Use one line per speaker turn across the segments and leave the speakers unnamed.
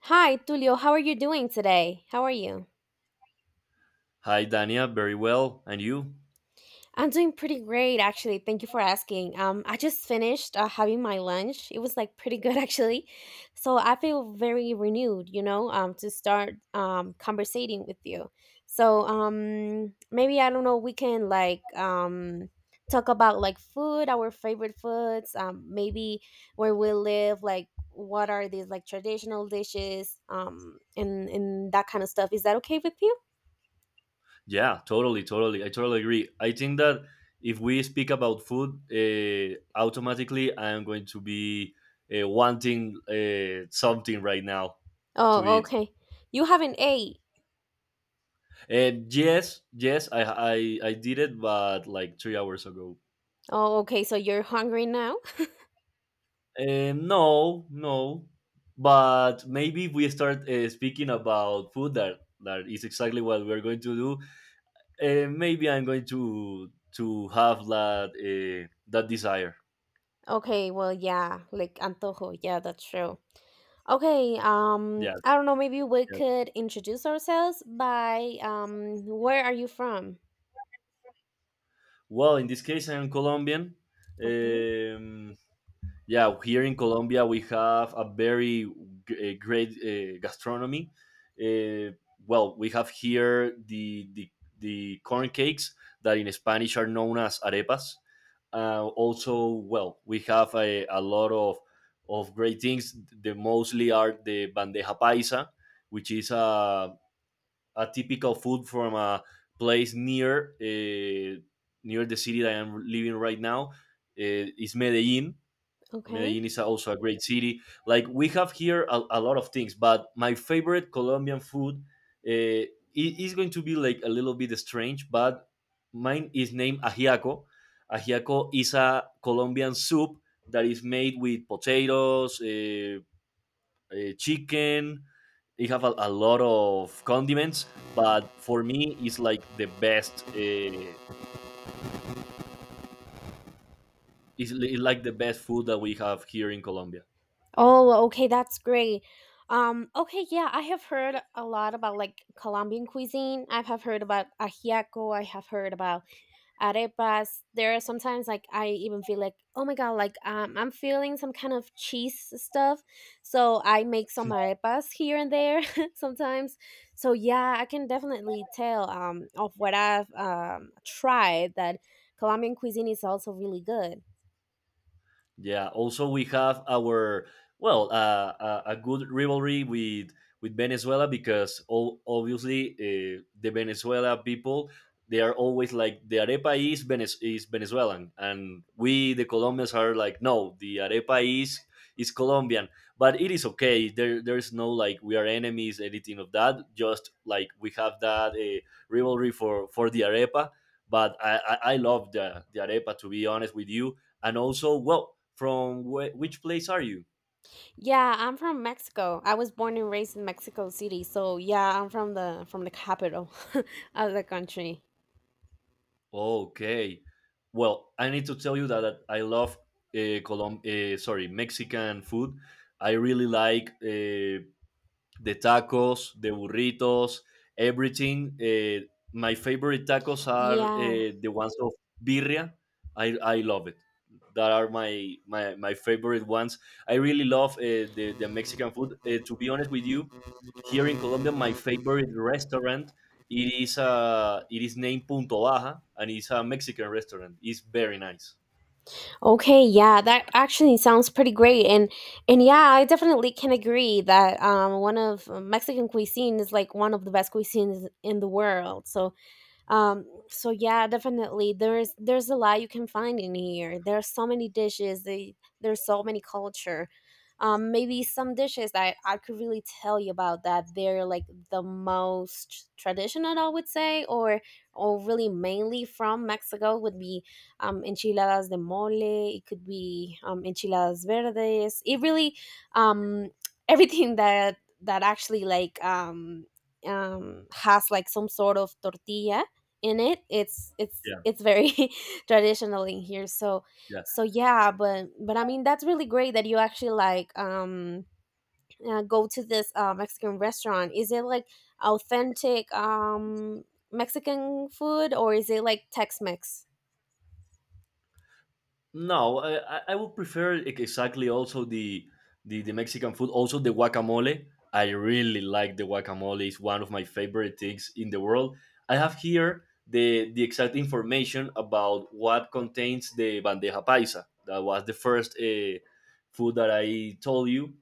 Hi, Tulio. How are you doing today? How are you?
Hi, Dania. Very well. And you?
I'm doing pretty great, actually. Thank you for asking. I just finished having my lunch. It was like pretty good, actually. So I feel very renewed, to start conversating with you. So maybe I don't know. We can like talk about like food, our favorite foods. Maybe where we live, like what are these like traditional dishes, and that kind of stuff. Is that okay with you?
Yeah, totally, totally. I totally agree. I think that if we speak about food, automatically I am going to be wanting something right now to
Oh,
eat.
okay. You haven't ate.
And yes, yes, I did it, but like 3 hours ago.
Oh, okay. So you're hungry now?
No, no. But maybe if we start speaking about food, that is exactly what we're going to do. Maybe I'm going to have that desire.
Okay, well, yeah, like antojo. Yeah, that's true. Okay,
Yeah,
I don't know, maybe we
yeah.
could introduce ourselves by where are you from?
Well, in this case, I'm Colombian.
Okay,
Um, yeah, here in Colombia we have a very great gastronomy. uh, well, we have here the corn cakes that in Spanish are known as arepas. Also, well, we have a lot of great things. The mostly are the bandeja paisa, which is a typical food from a place near the city that I'm living right now, is medellin
okay.
Medellin is also a great city. Like we have here a lot of things, but my favorite Colombian food, uh, i- is going to be like a little bit strange, but mine is named ajiaco. Ajiaco is a Colombian soup that is made with potatoes, chicken. It have a lot of condiments, but for me, it's like the best food that we have here in Colombia.
Oh, okay, that's great. Okay, yeah, I have heard a lot about like Colombian cuisine. I have heard about ajiaco. I have heard about arepas. There are sometimes like I even feel like, oh my God, like I'm feeling some kind of cheese stuff. So I make some arepas here and there sometimes. So yeah, I can definitely tell of what I've tried that Colombian cuisine is also really good.
Yeah. Also, we have our, a good rivalry with Venezuela, because all, obviously, the Venezuela people, they are always like the arepa is Venezuelan, and we the Colombians are like, no, the arepa is Colombian. But it is okay. There's no like we are enemies, anything of that. Just like we have that rivalry for the arepa. But I love the arepa, to be honest with you. And also, well, from which place are you?
Yeah, I'm from Mexico. I was born and raised in Mexico City, so yeah, I'm from the capital of the country.
Okay. Well, I need to tell you that I love sorry, Mexican food. I really like the tacos, the burritos, everything. My favorite tacos are
Yeah.
the ones of birria. I love it. That are my favorite ones. I really love the Mexican food. To be honest with you, here in Colombia, my favorite restaurant, it is named Punto Baja, and it's a Mexican restaurant. It's very nice.
Okay, yeah, that actually sounds pretty great. And yeah, I definitely can agree that one of Mexican cuisine is like one of the best cuisines in the world. So so yeah, definitely there's a lot you can find in here. There's so many dishes there's so many culture. Maybe some dishes that I could really tell you about, that they're like the most traditional, I would say, or really mainly from Mexico would be enchiladas de mole. It could be enchiladas verdes. It really um everything that actually like has like some sort of tortilla in it. it's it's
Yeah,
it's very traditional in here, so
yeah.
so yeah, but I mean that's really great that you actually like go to this Mexican restaurant. Is it like authentic Mexican food, or is it like Tex-Mex?
No, I would prefer exactly also the Mexican food. Also the guacamole. I really like the guacamole. It's one of my favorite things in the world. I have here the exact information about what contains the bandeja paisa. That was the first food that I told you.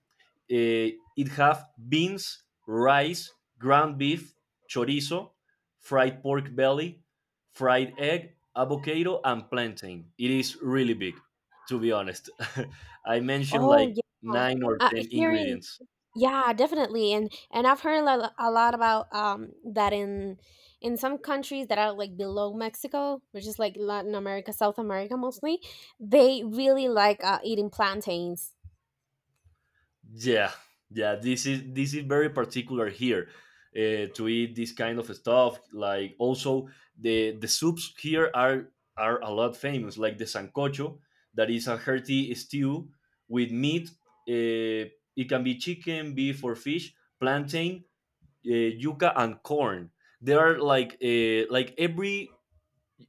It have beans, rice, ground beef, chorizo, fried pork belly, fried egg, avocado, and plantain. It is really big, to be honest. I mentioned
Oh
like nine or
yeah,
ten
here in
ingredients.
yeah, definitely, and I've heard a lot about that in some countries that are like below Mexico, which is like Latin America, South America mostly, they really like eating plantains.
Yeah, yeah. This is very particular here, to eat this kind of stuff. Like also the soups here are a lot famous, like the sancocho, that is a hearty stew with meat. Uh, it can be chicken, beef, or fish. Plantain, yuca and corn. They are like, like every,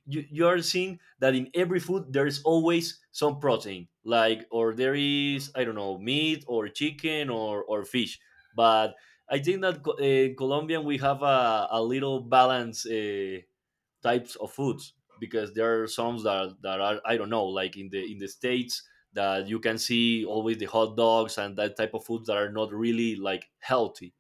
you are seeing that in every food there is always some protein, like, or there is, I don't know, meat or chicken or fish. But I think that Colombian, we have a little balance, types of foods, because there are some that are, I don't know, like in the states, that you can see always the hot dogs and that type of foods that are not really like healthy.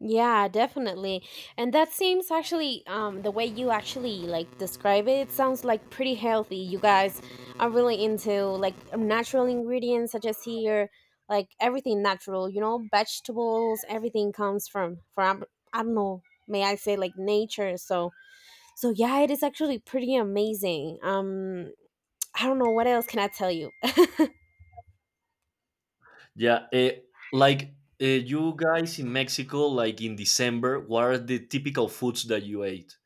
Yeah, definitely. And that seems actually the way you actually like describe it, it sounds like pretty healthy. You guys are really into like natural ingredients such as here, like everything natural, vegetables, everything comes from I don't know, may I say like nature. So yeah, it is actually pretty amazing. I don't know what else can I tell you.
Yeah, like, you guys in Mexico, like in December, what are the typical foods that you ate?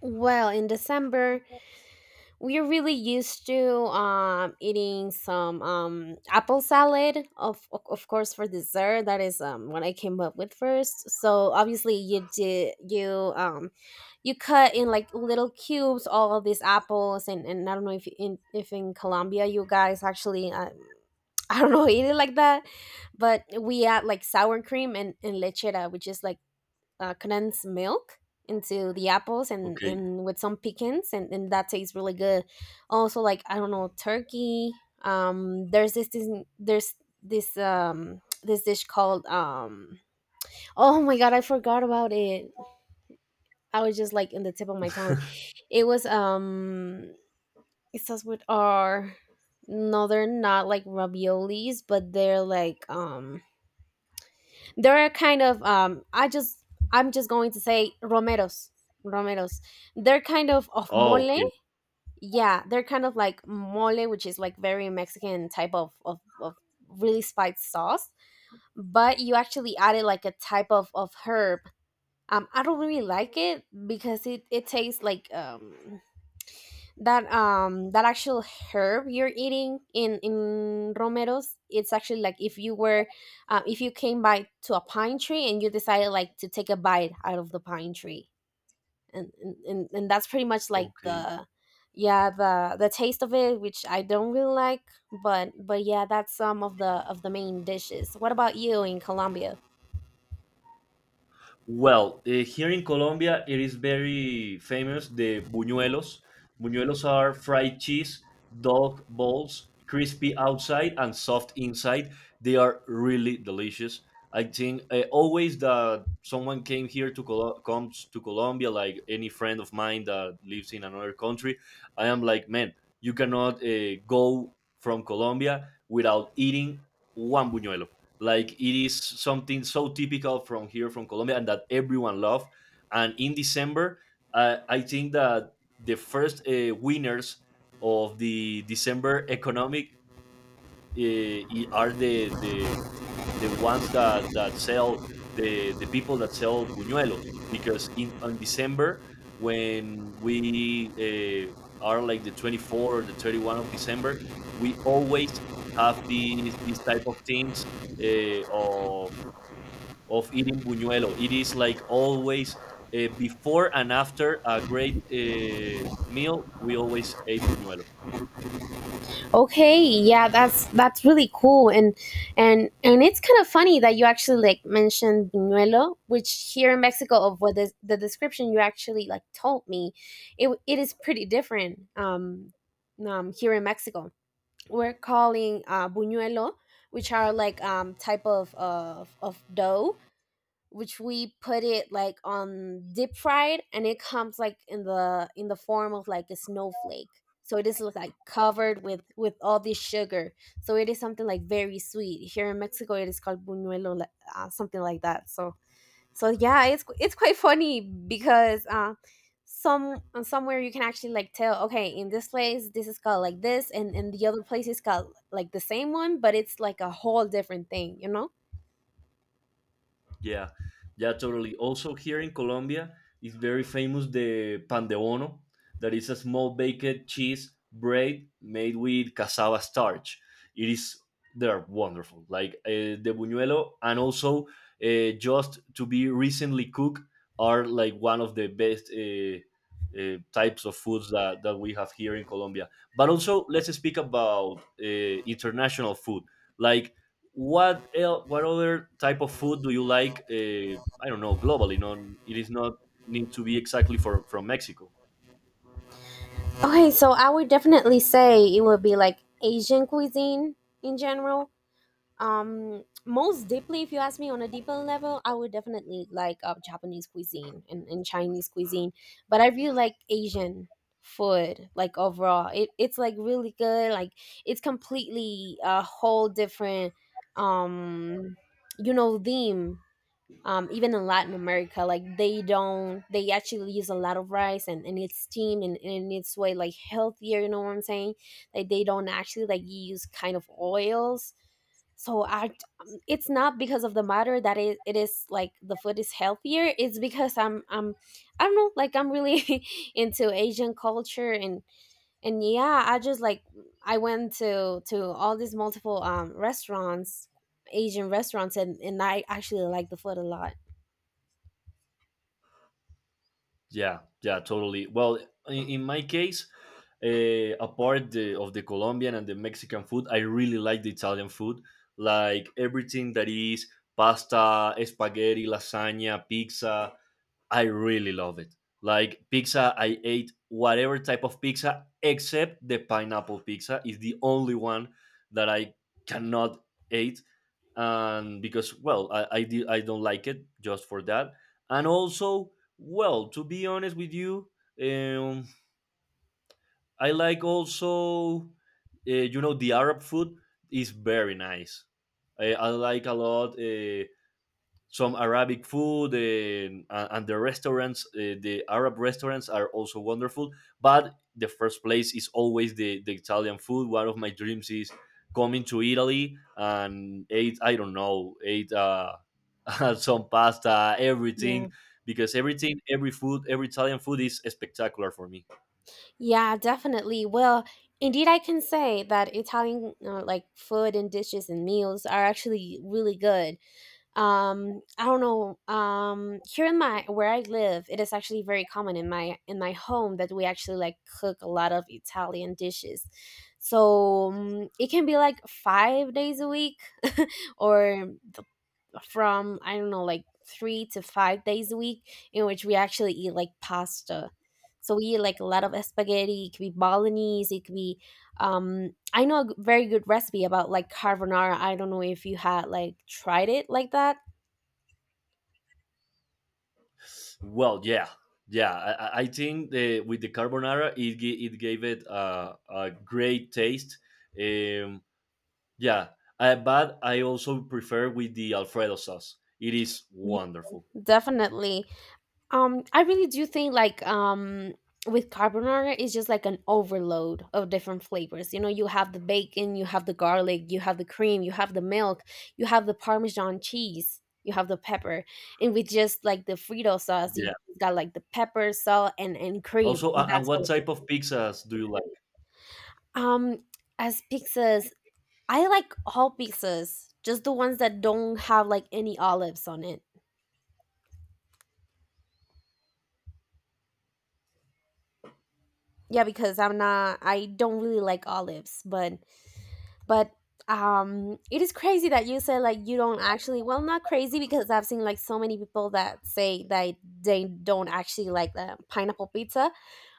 Well, in December, we're really used to eating some apple salad, of course, for dessert. That is what I came up with first. So obviously, you did you you cut in like little cubes all of these apples, and I don't know if in Colombia you guys actually I don't know, eat it like that. But we add like sour cream, and lechera, which is like condensed milk into the apples, and,
Okay.
and with some pecans, and that tastes really good. Also, like, I don't know, turkey. There's this, there's this dish called oh my God, I forgot about it. I was just like in the tip of my tongue. It was it starts with R. No, they're not like raviolis, but they're like They're kind of I'm just going to say romeros. Romeros. They're kind of
Oh,
mole.
okay.
Yeah, they're kind of like mole, which is like very Mexican type of really spiced sauce. But you actually added like a type of herb. I don't really like it because it tastes like that actual herb you're eating in romeros. It's actually like, if you came by to a pine tree and you decided like to take a bite out of the pine tree, and that's pretty much like
Okay.
the yeah, the taste of it, which I don't really like. But yeah, that's some of the main dishes. What about you in Colombia?
Well, here in Colombia, it is very famous the buñuelos. Buñuelos are fried cheese, dog balls, crispy outside and soft inside. They are really delicious. I think, always that someone came here to Col- comes to Colombia, like any friend of mine that lives in another country, I am like, man, you cannot go from Colombia without eating one buñuelo. Like it is something so typical from here, from Colombia, and that everyone love. And in December, I think that the first winners of the December economic, uh, are the ones that sell the people that sell buñuelos, because in on December, when we, are like the 24 or the 31 of December, we always have these type of things, uh, of of eating buñuelo. It is like always, before and after a great meal, we always ate buñuelo.
Okay, yeah, that's really cool, and it's kind of funny that you actually like mentioned buñuelo, which here in Mexico of what is the description you actually like told me, it is pretty different. Here in Mexico, we're calling buñuelo, which are like type of dough, which we put it like on deep fried, and it comes like in the form of like a snowflake, so it is like covered with all this sugar. So it is something like very sweet. Here in Mexico, it is called buñuelo, like, something like that, so so yeah, it's quite funny because somewhere you can actually like tell, okay, in this place this is called like this, and in the other place is called like the same one, but it's like a whole different thing.
Yeah, yeah, totally. Also, here in Colombia is very famous the pan de bono, that is a small baked cheese bread made with cassava starch. It is They're wonderful, like, the buñuelo, and also, just to be recently cooked, are like one of the best. Types of foods that we have here in Colombia. But also, let's speak about international food. Like, what other type of food do you like, I don't know, globally? No, it is not need to be exactly for from Mexico.
Okay, so I would definitely say it would be like Asian cuisine in general. Most deeply, if you ask me on a deeper level, I would definitely like Japanese cuisine and Chinese cuisine. But I really like Asian food, like overall. It's like really good. Like it's completely a whole different, um, theme, even in Latin America, like they don't, they actually use a lot of rice, and it's steamed, and it's way like healthier, you know what I'm saying? Like they don't actually like use kind of oils. So it's not because of the matter that it is like the food is healthier. It's because I don't know, like I'm really into Asian culture, and yeah, I just like, I went to all these multiple restaurants, Asian restaurants, and I actually like the food a lot.
Yeah, yeah, totally. Well, in my case, apart of the Colombian and the Mexican food, I really like the Italian food. Like everything that is pasta, spaghetti, lasagna, pizza, I really love it. Like pizza, I ate whatever type of pizza except the pineapple pizza. Is the only one that I cannot eat, and because, well, I don't like it just for that. And also, well, to be honest with you, um, I like also, the Arab food is very nice. I like a lot. Some Arabic food, and the restaurants, the Arab restaurants are also wonderful. But the first place is always the Italian food. One of my dreams is coming to Italy and ate, I don't know, ate, some pasta,
Yeah.
everything, because everything, every food, every Italian food is spectacular for me.
Yeah, definitely. Well, indeed, I can say that Italian like food and dishes and meals are actually really good. I don't know. Here in my where I live, it is actually very common in my home that we actually like cook a lot of Italian dishes. So it can be like 5 days a week, or from I don't know like 3 to 5 days a week in which we actually eat like pasta. So we eat like a lot of spaghetti. It could be bolognese. It could be I know a very good recipe about like carbonara. I don't know if you had like tried it like that.
Well, yeah. Yeah, I think with the carbonara, it gave it a great taste. Um, Yeah, but I also prefer with the Alfredo sauce. It is
Ye-
wonderful.
Definitely. I really do think like with carbonara, it's just like an overload of different flavors. You know, you have the bacon, you have the garlic, you have the cream, you have the milk, you have the parmesan cheese, you have the pepper. And with just like the Frito sauce,
Yeah.
you got like the pepper, salt and cream,
Also,
and
and
that's
what
all of it.
type of pizzas do you like?
Um as pizzas, I like all pizzas, just the ones that don't have like any olives on it. Yeah, because I don't really like olives, but it is crazy that you said like you don't actually, well, not crazy because I've seen like so many people that say that they don't actually like the pineapple pizza,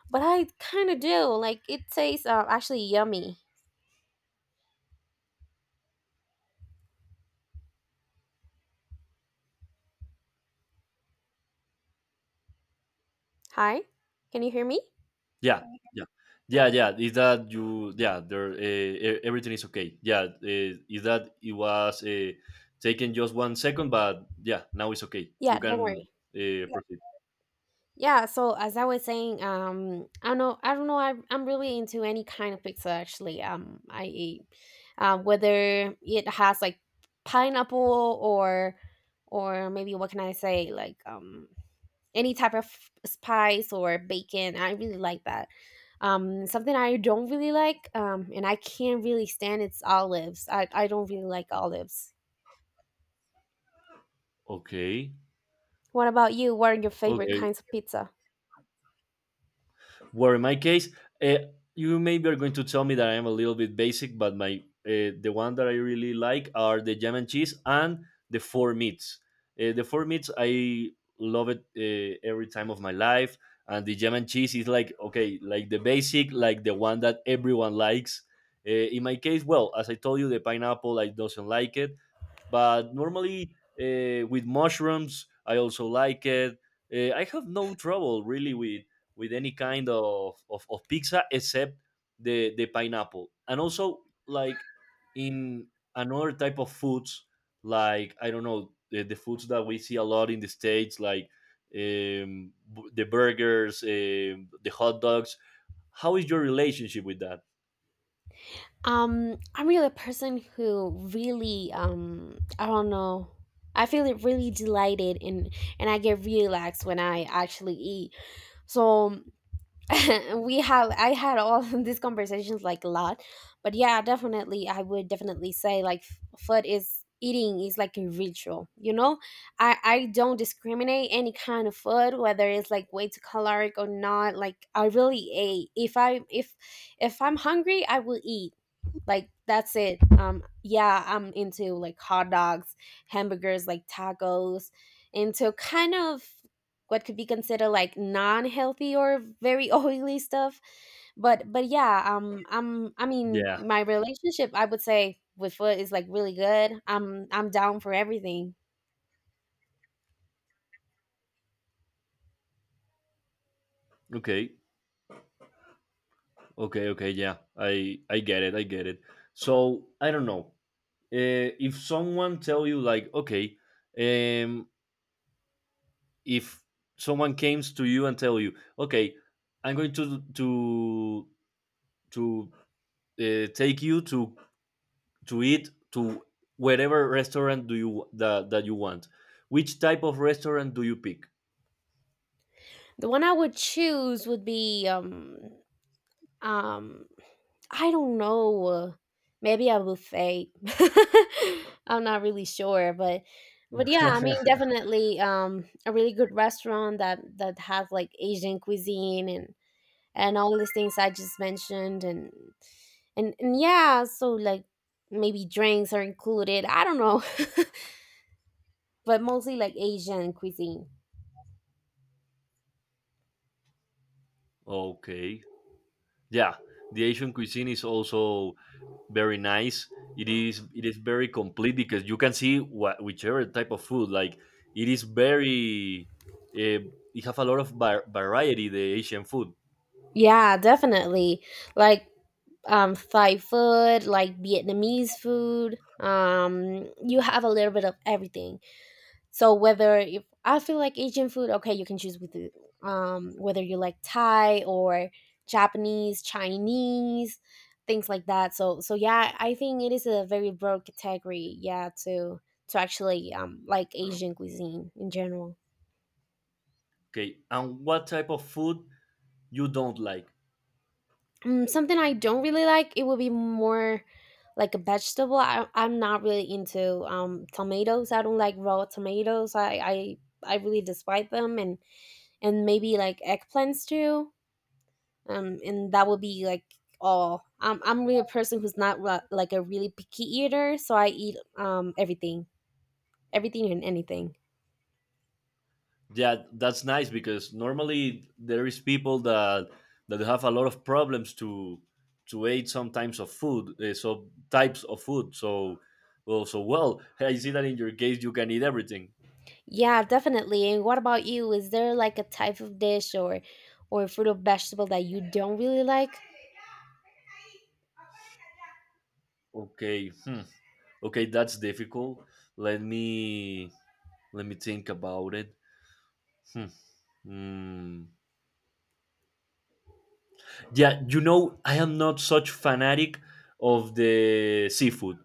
but I kind of do. Like, it tastes actually yummy. Hi, can you hear me?
Yeah, yeah,
No.
yeah, yeah. Is that you? Yeah, there. Everything is okay. Yeah. Is that it was taken just 1 second, but yeah, now it's okay. You
Yeah, don't
can
worry.
proceed.
Yeah, so as I was saying, I don't know, I'm really into any kind of pizza, actually. I eat, whether it has like pineapple, or maybe what can I say, like, any type of spice or bacon. I really like that. Something I don't really like, and I can't really stand, it's olives. I don't really like olives.
Okay.
What about you? What are your favorite
Okay.
kinds of pizza?
Where in my case, uh, you maybe are going to tell me that I am a little bit basic, but my the one that I really like are the jam and cheese and the four meats. The four meats I love it, every time of my life, and the jam and cheese is like okay, like the basic, like the one that everyone likes. In my case, well, as I told you, the pineapple I doesn't like it, but normally, with mushrooms I also like it. I have no trouble really with any kind of pizza except the pineapple. And also, like in another type of foods, like, I don't know, the foods that we see a lot in the States, like, the burgers, the hot dogs. How is your relationship with that?
I'm really a person who really I don't know. I feel it really delighted and I get really relaxed when I actually eat. So we have I had all these conversations like a lot, but yeah, definitely I would definitely say like food is eating is like a ritual. You know, I don't discriminate any kind of food whether it's like way too caloric or not. Like I really ate if I if I'm hungry I will eat like that's it. Yeah, I'm into like hot dogs, hamburgers, like tacos, into kind of what could be considered like non-healthy or very oily stuff. But yeah, I mean,
Yeah.
my relationship I would say with food is like really good. I'm down for everything.
Okay. Okay. Okay. Yeah. I get it. I get it. So I don't know. If someone tell you like, okay, um, if someone comes to you and tell you, okay, I'm going to take you to eat to whatever restaurant do you that you want. Which type of restaurant do you pick?
The one I would choose would be Um, I don't know. Maybe a buffet. I'm not really sure, but yeah, I mean, definitely a really good restaurant that has like Asian cuisine and all these things I just mentioned, and yeah, so like maybe drinks are included. I don't know, but mostly like Asian cuisine.
Okay, yeah, the Asian cuisine is also very nice. It is very complete because you can see what whichever type of food, like, it is very. You have a lot of variety, the Asian food.
Yeah, definitely. Like Thai food, like Vietnamese food. You have a little bit of everything. So whether if I feel like Asian food, okay, you can choose with the, whether you like Thai or Japanese, Chinese, things like that. So yeah, I think it is a very broad category. Yeah, to actually like Asian cuisine in general.
Okay, and what type of food you don't like.
Mm, something I don't really like, it would be more like a vegetable. I'm not really into tomatoes. I don't like raw tomatoes. I really despise them, and maybe like eggplants too. And that would be like all. I'm really a person who's not like a really picky eater, so I eat everything, everything and anything.
Yeah, that's nice because normally there is people that have a lot of problems to eat sometimes of food, so types of food. So, well, hey, I see that in your case you can eat everything.
Yeah, definitely. And what about you? Is there like a type of dish or fruit or vegetable that you don't really like?
Okay, hmm. Okay, that's difficult. Let me let me think about it. Hmm. Hmm. Yeah, I am not such fanatic of the seafood.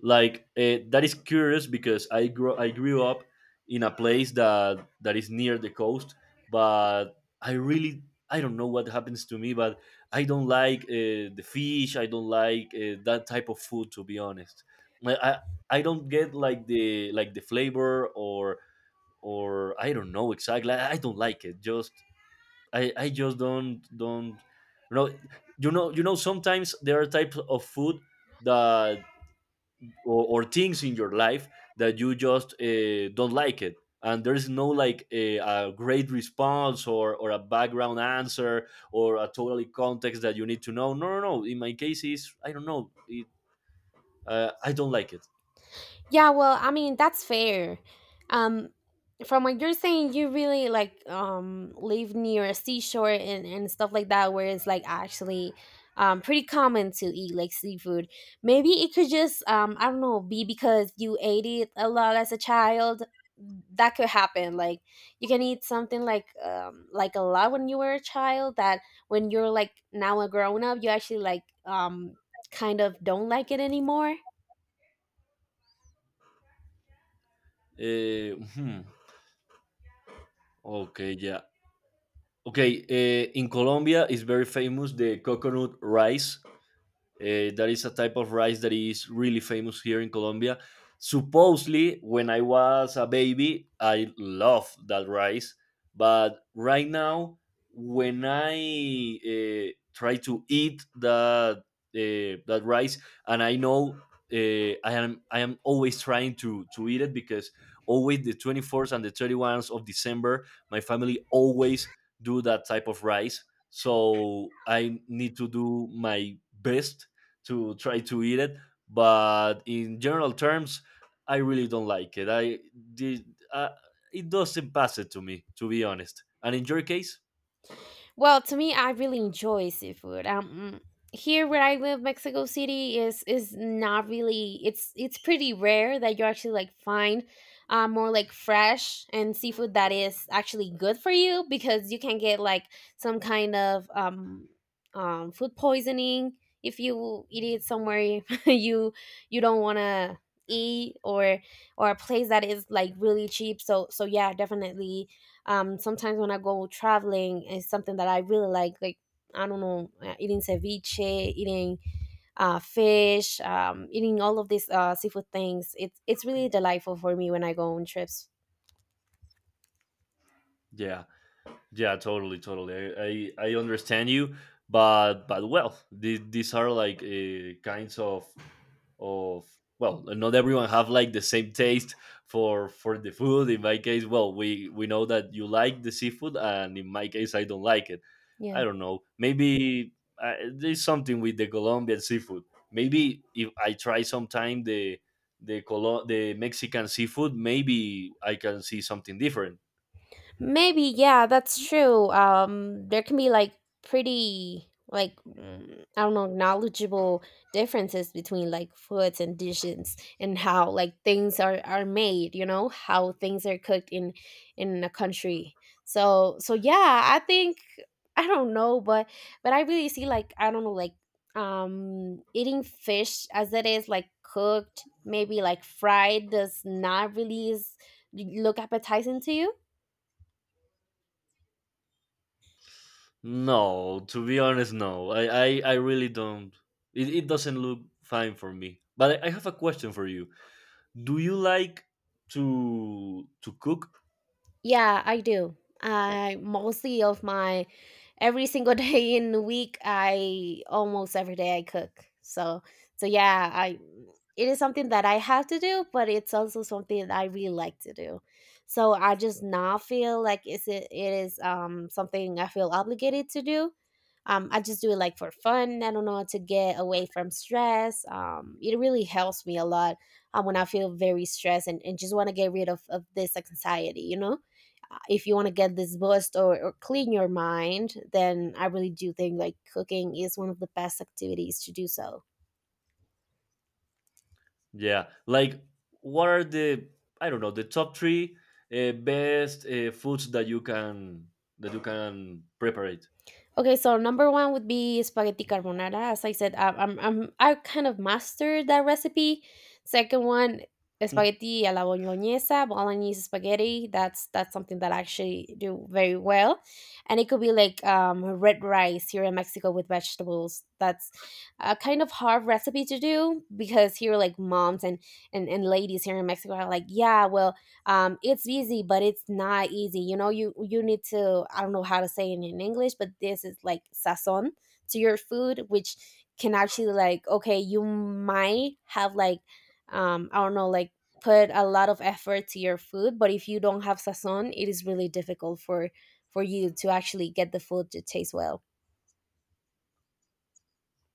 Like, that is curious because I grew up in a place that is near the coast, but I really, I don't know what happens to me, but I don't like the fish. I don't like that type of food, to be honest. Like, I I don't get like the flavor or I don't know exactly. I don't like it. Just I just don't you know Sometimes there are types of food that or things in your life that you just don't like it, and there's no like a great response or a background answer or a totally context that you need to know. No, no, no, in my case is I don't know it, I don't like it.
Yeah, well, I mean, that's fair. Um, from what you're saying, you really like live near a seashore and stuff like that, where it's like actually pretty common to eat like seafood. Maybe it could just I don't know, be because you ate it a lot as a child. That could happen. Like you can eat something like a lot when you were a child that when you're like now a grown up, you actually like kind of don't like it anymore.
Uh, hmm. Okay, yeah. Okay, in Colombia is very famous the coconut rice, that is a type of rice that is really famous here in Colombia. Supposedly, when I was a baby, I loved that rice. But right now, when I try to eat that that rice, and I know, I am always trying to eat it because always the 24th and the 31st of December, my family always do that type of rice. So I need to do my best to try to eat it, but in general terms I really don't like it. I did, uh, it doesn't pass it to me, to be honest. And in your case?
Well, to me, I really enjoy seafood. Here where I live, Mexico City is not really. It's pretty rare that you actually like find more like fresh and seafood that is actually good for you because you can get like some kind of food poisoning if you eat it somewhere you don't want to eat or a place that is like really cheap. So yeah, definitely sometimes when I go traveling, it's something that I really like. Like I don't know, eating ceviche, eating fish, eating all of these seafood things. It's really delightful for me when I go on trips.
Yeah, yeah, totally, totally. I understand you, but well, these are like kinds of of well, not everyone have like the same taste for the food. In my case, well, we know that you like the seafood, and in my case I don't like it. I
yeah
don't know, maybe there's something with the Colombian seafood. Maybe if I try sometime the the Mexican seafood, maybe I can see something different.
Maybe, yeah, that's true. There can be like pretty, like, I don't know, knowledgeable differences between like foods and dishes and how like things are made, you know, how things are cooked in a country. So yeah, I think I don't know, but I really see like I don't know, like eating fish as it is like cooked, maybe like fried does not really is, look appetizing to you.
No, to be honest, no, I really don't. It doesn't look fine for me. But I have a question for you: do you like to cook?
Yeah, I do. Yeah. I mostly of my every single day in the week, I almost every day I cook. So, so yeah, I it is something that I have to do, but it's also something that I really like to do. So I just not feel like it is something I feel obligated to do. I just do it like for fun. I don't know, to get away from stress. It really helps me a lot when I feel very stressed, and just want to get rid of this like, anxiety, you know? If you want to get this boost, or clean your mind, then I really do think like cooking is one of the best activities to do so.
Yeah, like, what are the, I don't know, the top three best foods that you can prepare?
Okay, so number one would be spaghetti carbonara. As I said, I I kind of mastered that recipe. Second one, spaghetti alla bolognese, bolognese spaghetti. That's something that I actually do very well, and it could be like red rice here in Mexico with vegetables. That's a kind of hard recipe to do because here, like moms and ladies here in Mexico are like, yeah, well, it's easy but it's not easy. You know, you need to, I don't know how to say it in English, but this is like sazon to your food, which can actually like, okay, you might have like I don't know, like put a lot of effort to your food, but if you don't have sazon, it is really difficult for you to actually get the food to taste well.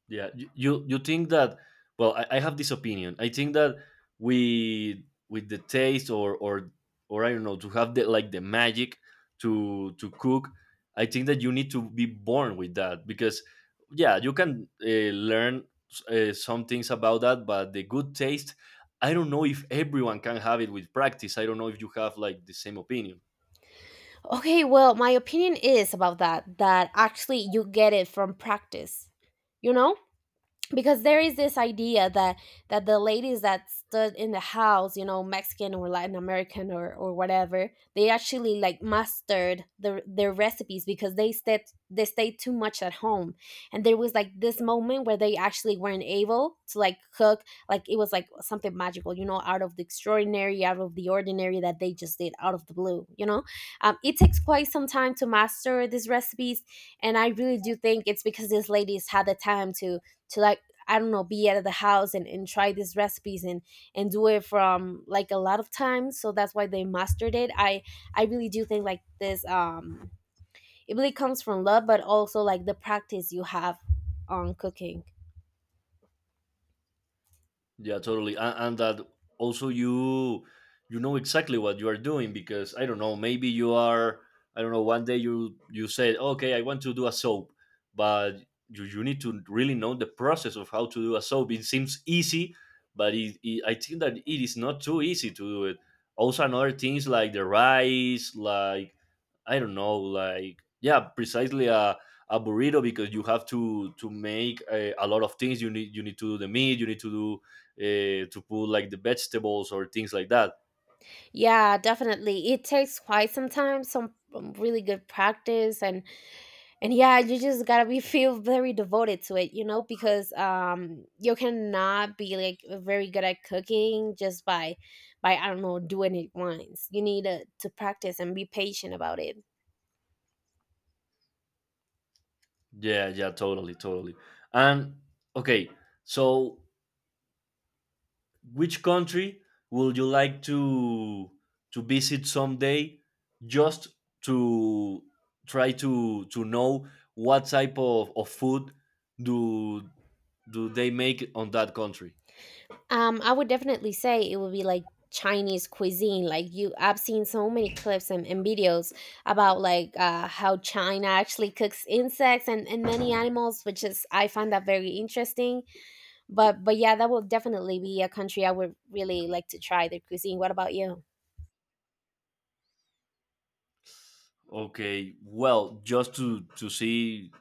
Yeah, you think that? Well, I have this opinion. I think that we with the taste or I don't know, to have the like the magic to cook, I think that you need to be born with that. Because yeah, you can learn some things about that, but the good taste, I don't know if everyone can have it with practice. I don't know if you have like the same opinion.
Okay, well, my opinion is about that, that actually you get it from practice, you know, because there is this idea that the ladies that stood in the house, you know, Mexican or Latin American or whatever, they actually like mastered their recipes because they stayed, they stayed too much at home, and there was like this moment where they actually weren't able to like cook. Like it was like something magical, you know, out of the extraordinary, out of the ordinary, that they just did out of the blue, you know. It takes quite some time to master these recipes, and I really do think it's because these ladies had the time to like I don't know, be at the house, and try these recipes and do it from like a lot of times. So that's why they mastered it. I really do think like this it really comes from love, but also like the practice you have on cooking.
Yeah, totally. And that also you know exactly what you are doing. Because I don't know, maybe you are, I don't know, one day you said, "Okay, I want to do a soap." But you need to really know the process of how to do a soap. It seems easy, but I think that it is not too easy to do it. Also another things like the rice, like I don't know, like yeah, precisely a burrito, because you have to make a lot of things. You need to do the meat, you need to do to put like the vegetables or things like that.
Yeah, definitely. It takes quite some time, some really good practice, and yeah, you just gotta be feel very devoted to it, you know, because you cannot be like very good at cooking just by I don't know, doing it once. You need to practice and be patient about it.
Yeah, yeah, totally, totally. And okay, so which country would you like to visit someday, just to try to know what type of food do they make on that country?
I would definitely say it would be like Chinese cuisine. Like you, I've seen so many clips and videos about like how China actually cooks insects and many animals, which is I find that very interesting. But yeah, that will definitely be a country I would really like to try their cuisine. What about you?
Okay, well, just to see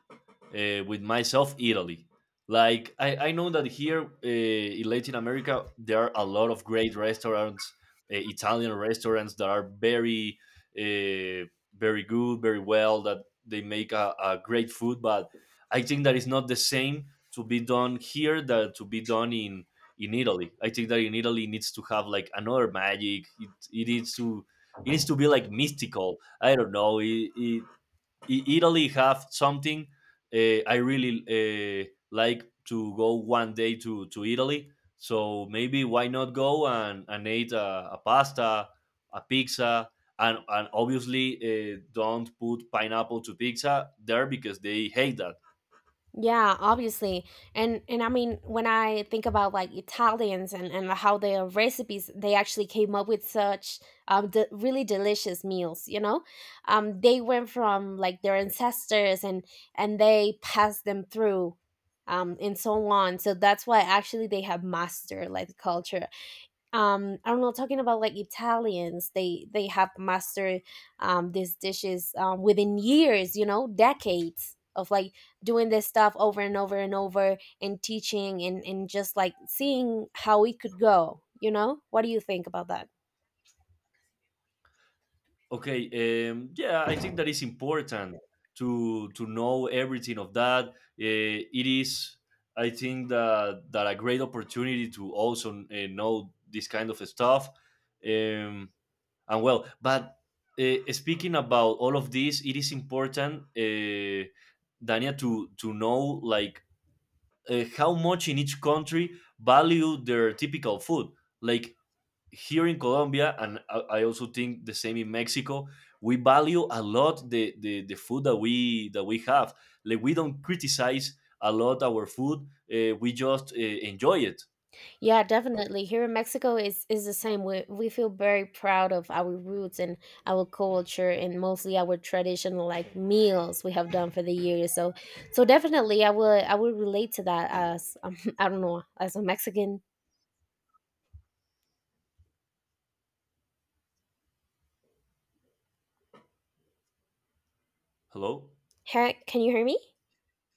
with myself, Italy. Like I know that here in Latin America there are a lot of great restaurants, Italian restaurants that are very, uh, very good, very well. That they make a great food, but I think that it's not the same to be done here that to be done in Italy. I think that in Italy it needs to have like another magic. It needs to, it needs to be like mystical. I don't know. It Italy have something. I really like to go one day to Italy. So maybe why not go and eat a pasta, a pizza, and obviously don't put pineapple to pizza there because they hate that.
Yeah, obviously. And I mean when I think about like Italians and how their recipes, they actually came up with such really delicious meals, you know? They went from like their ancestors and they passed them through and so on. So that's why actually they have mastered like the culture. I don't know, talking about like Italians, they have mastered these dishes within years, you know, decades of like doing this stuff over and over and over and teaching and just like seeing how it could go, you know. What do you think about that?
Okay, yeah, I think that is important to know everything of that. Uh, it is, I think that that a great opportunity to also know this kind of stuff. Um, and well, but speaking about all of this, it is important, Dania, to know like how much in each country value their typical food. Like here in Colombia, and I also think the same in Mexico, we value a lot the food that we have. Like we don't criticize a lot our food. We just enjoy it.
Yeah, definitely. Here in Mexico is the same. We feel very proud of our roots and our culture, and mostly our traditional like meals we have done for the years. So so definitely I will relate to that as I don't know, as a Mexican.
Hello.
Hey, can you hear me?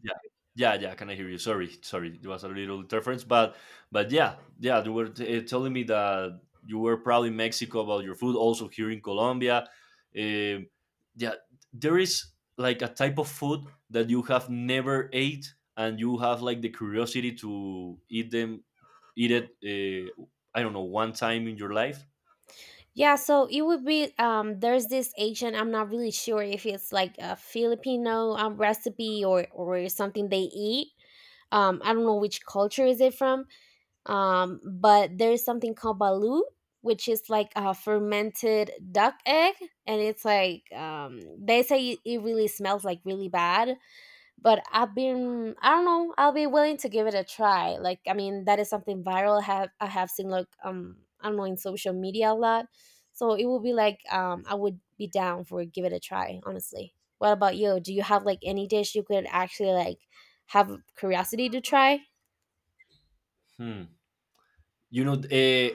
Yeah, yeah, yeah. Can I hear you? Sorry, sorry. It was a little interference, but yeah, yeah. You were telling me that you were proud in Mexico about your food. Also here in Colombia, Um yeah, there is like a type of food that you have never ate, and you have like the curiosity to eat them, eat it, I don't know, one time in your life?
Yeah, so it would be there's this Asian, I'm not really sure if it's like a Filipino recipe or something they eat. I don't know which culture is it from, but there is something called balut, which is like a fermented duck egg, and it's like they say it it really smells like really bad. But I've been, I don't know, I'll be willing to give it a try. Like I mean that is something viral. I have I have seen like I don't know, in social media a lot. So it would be like I would be down for give it a try, honestly. What about you? Do you have like any dish you could actually like have curiosity to try?
Hmm. You know, uh,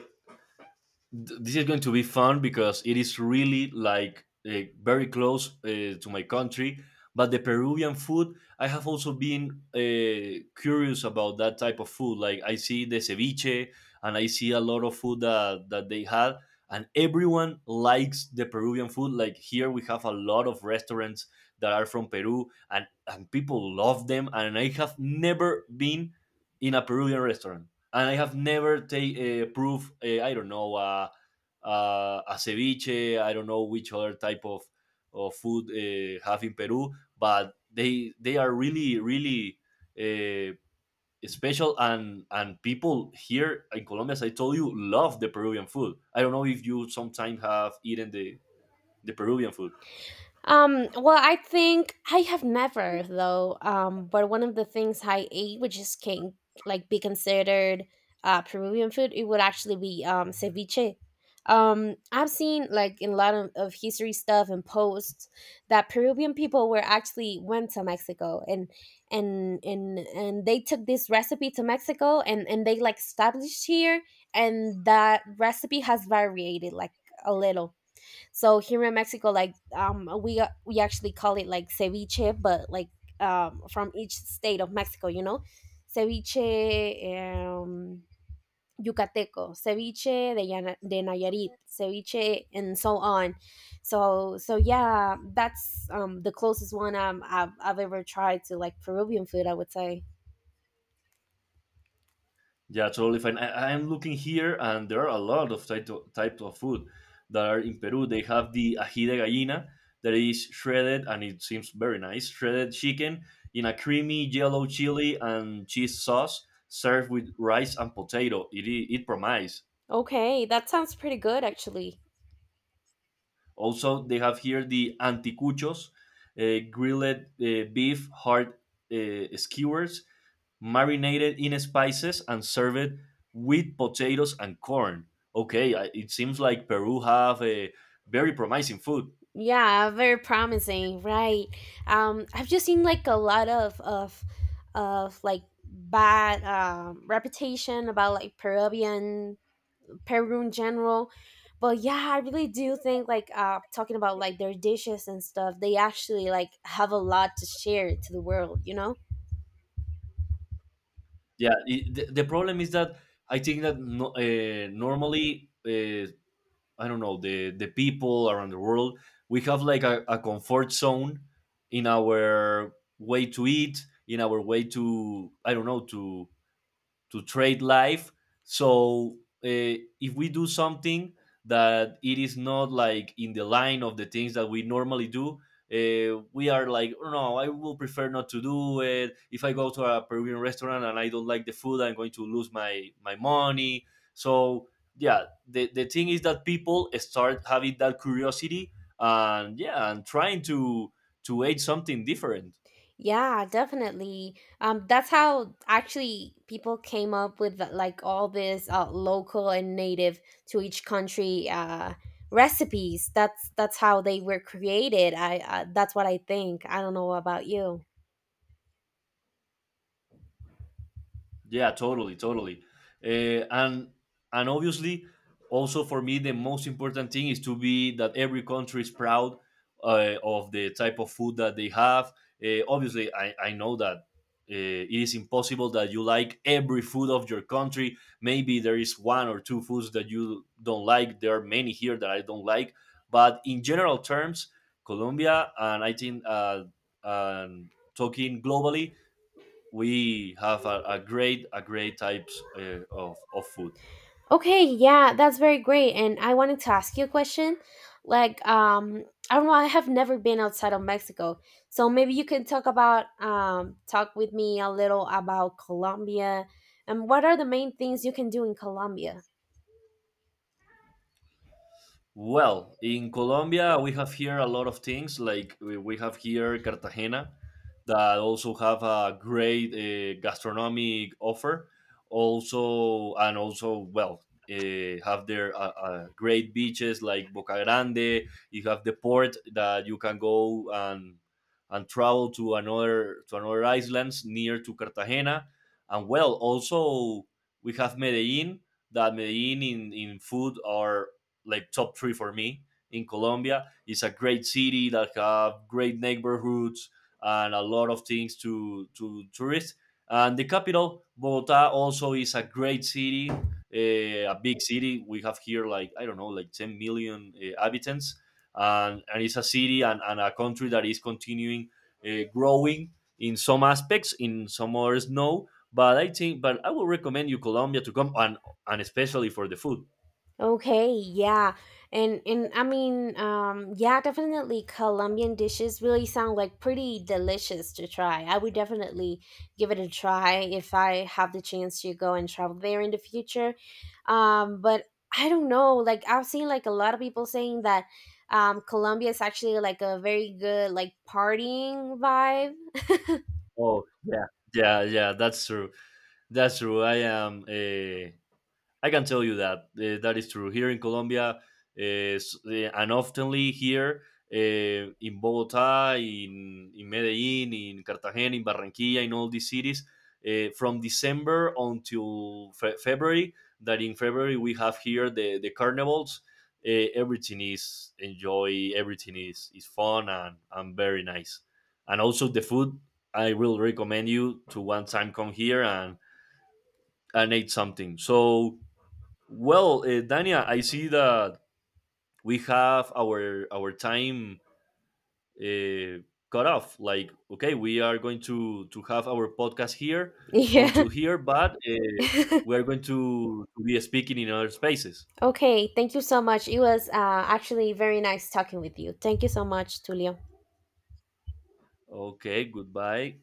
th- this is going to be fun because it is really like very close to my country. But the Peruvian food, I have also been curious about that type of food. Like I see the ceviche, and I see a lot of food that they had, and everyone likes the Peruvian food. Like here, we have a lot of restaurants that are from Peru, and people love them. And I have never been in a Peruvian restaurant, and I have never take proof. I don't know a ceviche. I don't know which other type of food have in Peru, but they are really really uh, special. And people here in Colombia, as I told you, love the Peruvian food. I don't know if you sometimes have eaten the Peruvian food.
Well, I think I have never though. But one of the things I ate, which is can like be considered Peruvian food, it would actually be ceviche. I've seen like in a lot of history stuff and posts that Peruvian people were actually went to Mexico and and they took this recipe to Mexico and they like established here, and that recipe has variated like a little. So here in Mexico, like we actually call it like ceviche, but like from each state of Mexico, you know, ceviche yucateco, ceviche de, de Nayarit, ceviche, and so on. So so yeah, that's the closest one I've ever tried to like Peruvian food, I would say.
Yeah, totally fine. I'm looking here, and there are a lot of type types of food that are in Peru. They have the ají de gallina that is shredded, and it seems very nice. Shredded chicken in a creamy yellow chili and cheese sauce, served with rice and potato. It promises.
Okay, that sounds pretty good actually.
Also, they have here the anticuchos, grilled beef heart skewers marinated in spices, and served with potatoes and corn. Okay, it seems like Peru have a very promising food.
Yeah, very promising, right? I've just seen like a lot of like bad reputation about like Peru in general, but yeah, I really do think like talking about like their dishes and stuff, they actually like have a lot to share to the world, you know.
Yeah, it, the problem is that I think that no, normally, I don't know, the people around the world, we have like a comfort zone in our way to eat, in our way to, I don't know, to trade life. So uh, if we do something that it is not like in the line of the things that we normally do, we are like, "Oh, no, I will prefer not to do it. If I go to a Peruvian restaurant and I don't like the food, I'm going to lose my money." So yeah, the thing is that people start having that curiosity, and yeah, and trying to eat something different.
Yeah, definitely. That's how actually people came up with like all this local and native to each country recipes. That's how they were created. I That's what I think. I don't know about you.
Yeah, totally, totally. Uh, and and obviously, also for me, the most important thing is to be that every country is proud of the type of food that they have. Obviously, I know that it is impossible that you like every food of your country. Maybe there is one or two foods that you don't like. There are many here that I don't like. But in general terms, Colombia, and I think and talking globally, we have a great types of food.
Okay, yeah, that's very great. And I wanted to ask you a question. Like, I don't know, I have never been outside of Mexico. So maybe you can talk about talk with me a little about Colombia, and what are the main things you can do in Colombia?
Well, in Colombia, we have here a lot of things. Like we have here Cartagena, that also have a great gastronomic offer. Also, and also, well, have their great beaches like Boca Grande. You have the port that you can go and travel to another, to another islands near to Cartagena. And well, also we have Medellin. That Medellin in food are like top three for me in Colombia. It's a great city that have great neighborhoods and a lot of things to tourists. And the capital, Bogota, also is a great city, eh, a big city. We have here like I don't know, like 10 million inhabitants, and it's a city and a country that is continuing growing in some aspects, in some others no. But I think, but I would recommend you Colombia to come and especially for the food.
Okay, yeah. And I mean, yeah, definitely Colombian dishes really sound like pretty delicious to try. I would definitely give it a try if I have the chance to go and travel there in the future. But I don't know, like I've seen like a lot of people saying that Colombia is actually like a very good like partying vibe.
Oh yeah, yeah, yeah. That's true. That's true. I am. I can tell you that that is true. Here in Colombia, and oftenly here uh, in Bogota, in Medellin, in Cartagena, in Barranquilla, in all these cities, from December until February, that in February we have here the carnivals. Everything is enjoy, everything is fun and very nice. And also the food, I will recommend you to one time come here and eat something. So, well, Dania, I see that we have our time uh, cut off. Like, okay, we are going to have our podcast here
Yeah.
until here, but we are going to be speaking in other spaces.
Okay, thank you so much. It was actually very nice talking with you. Thank you so much, Tulio.
Okay, goodbye.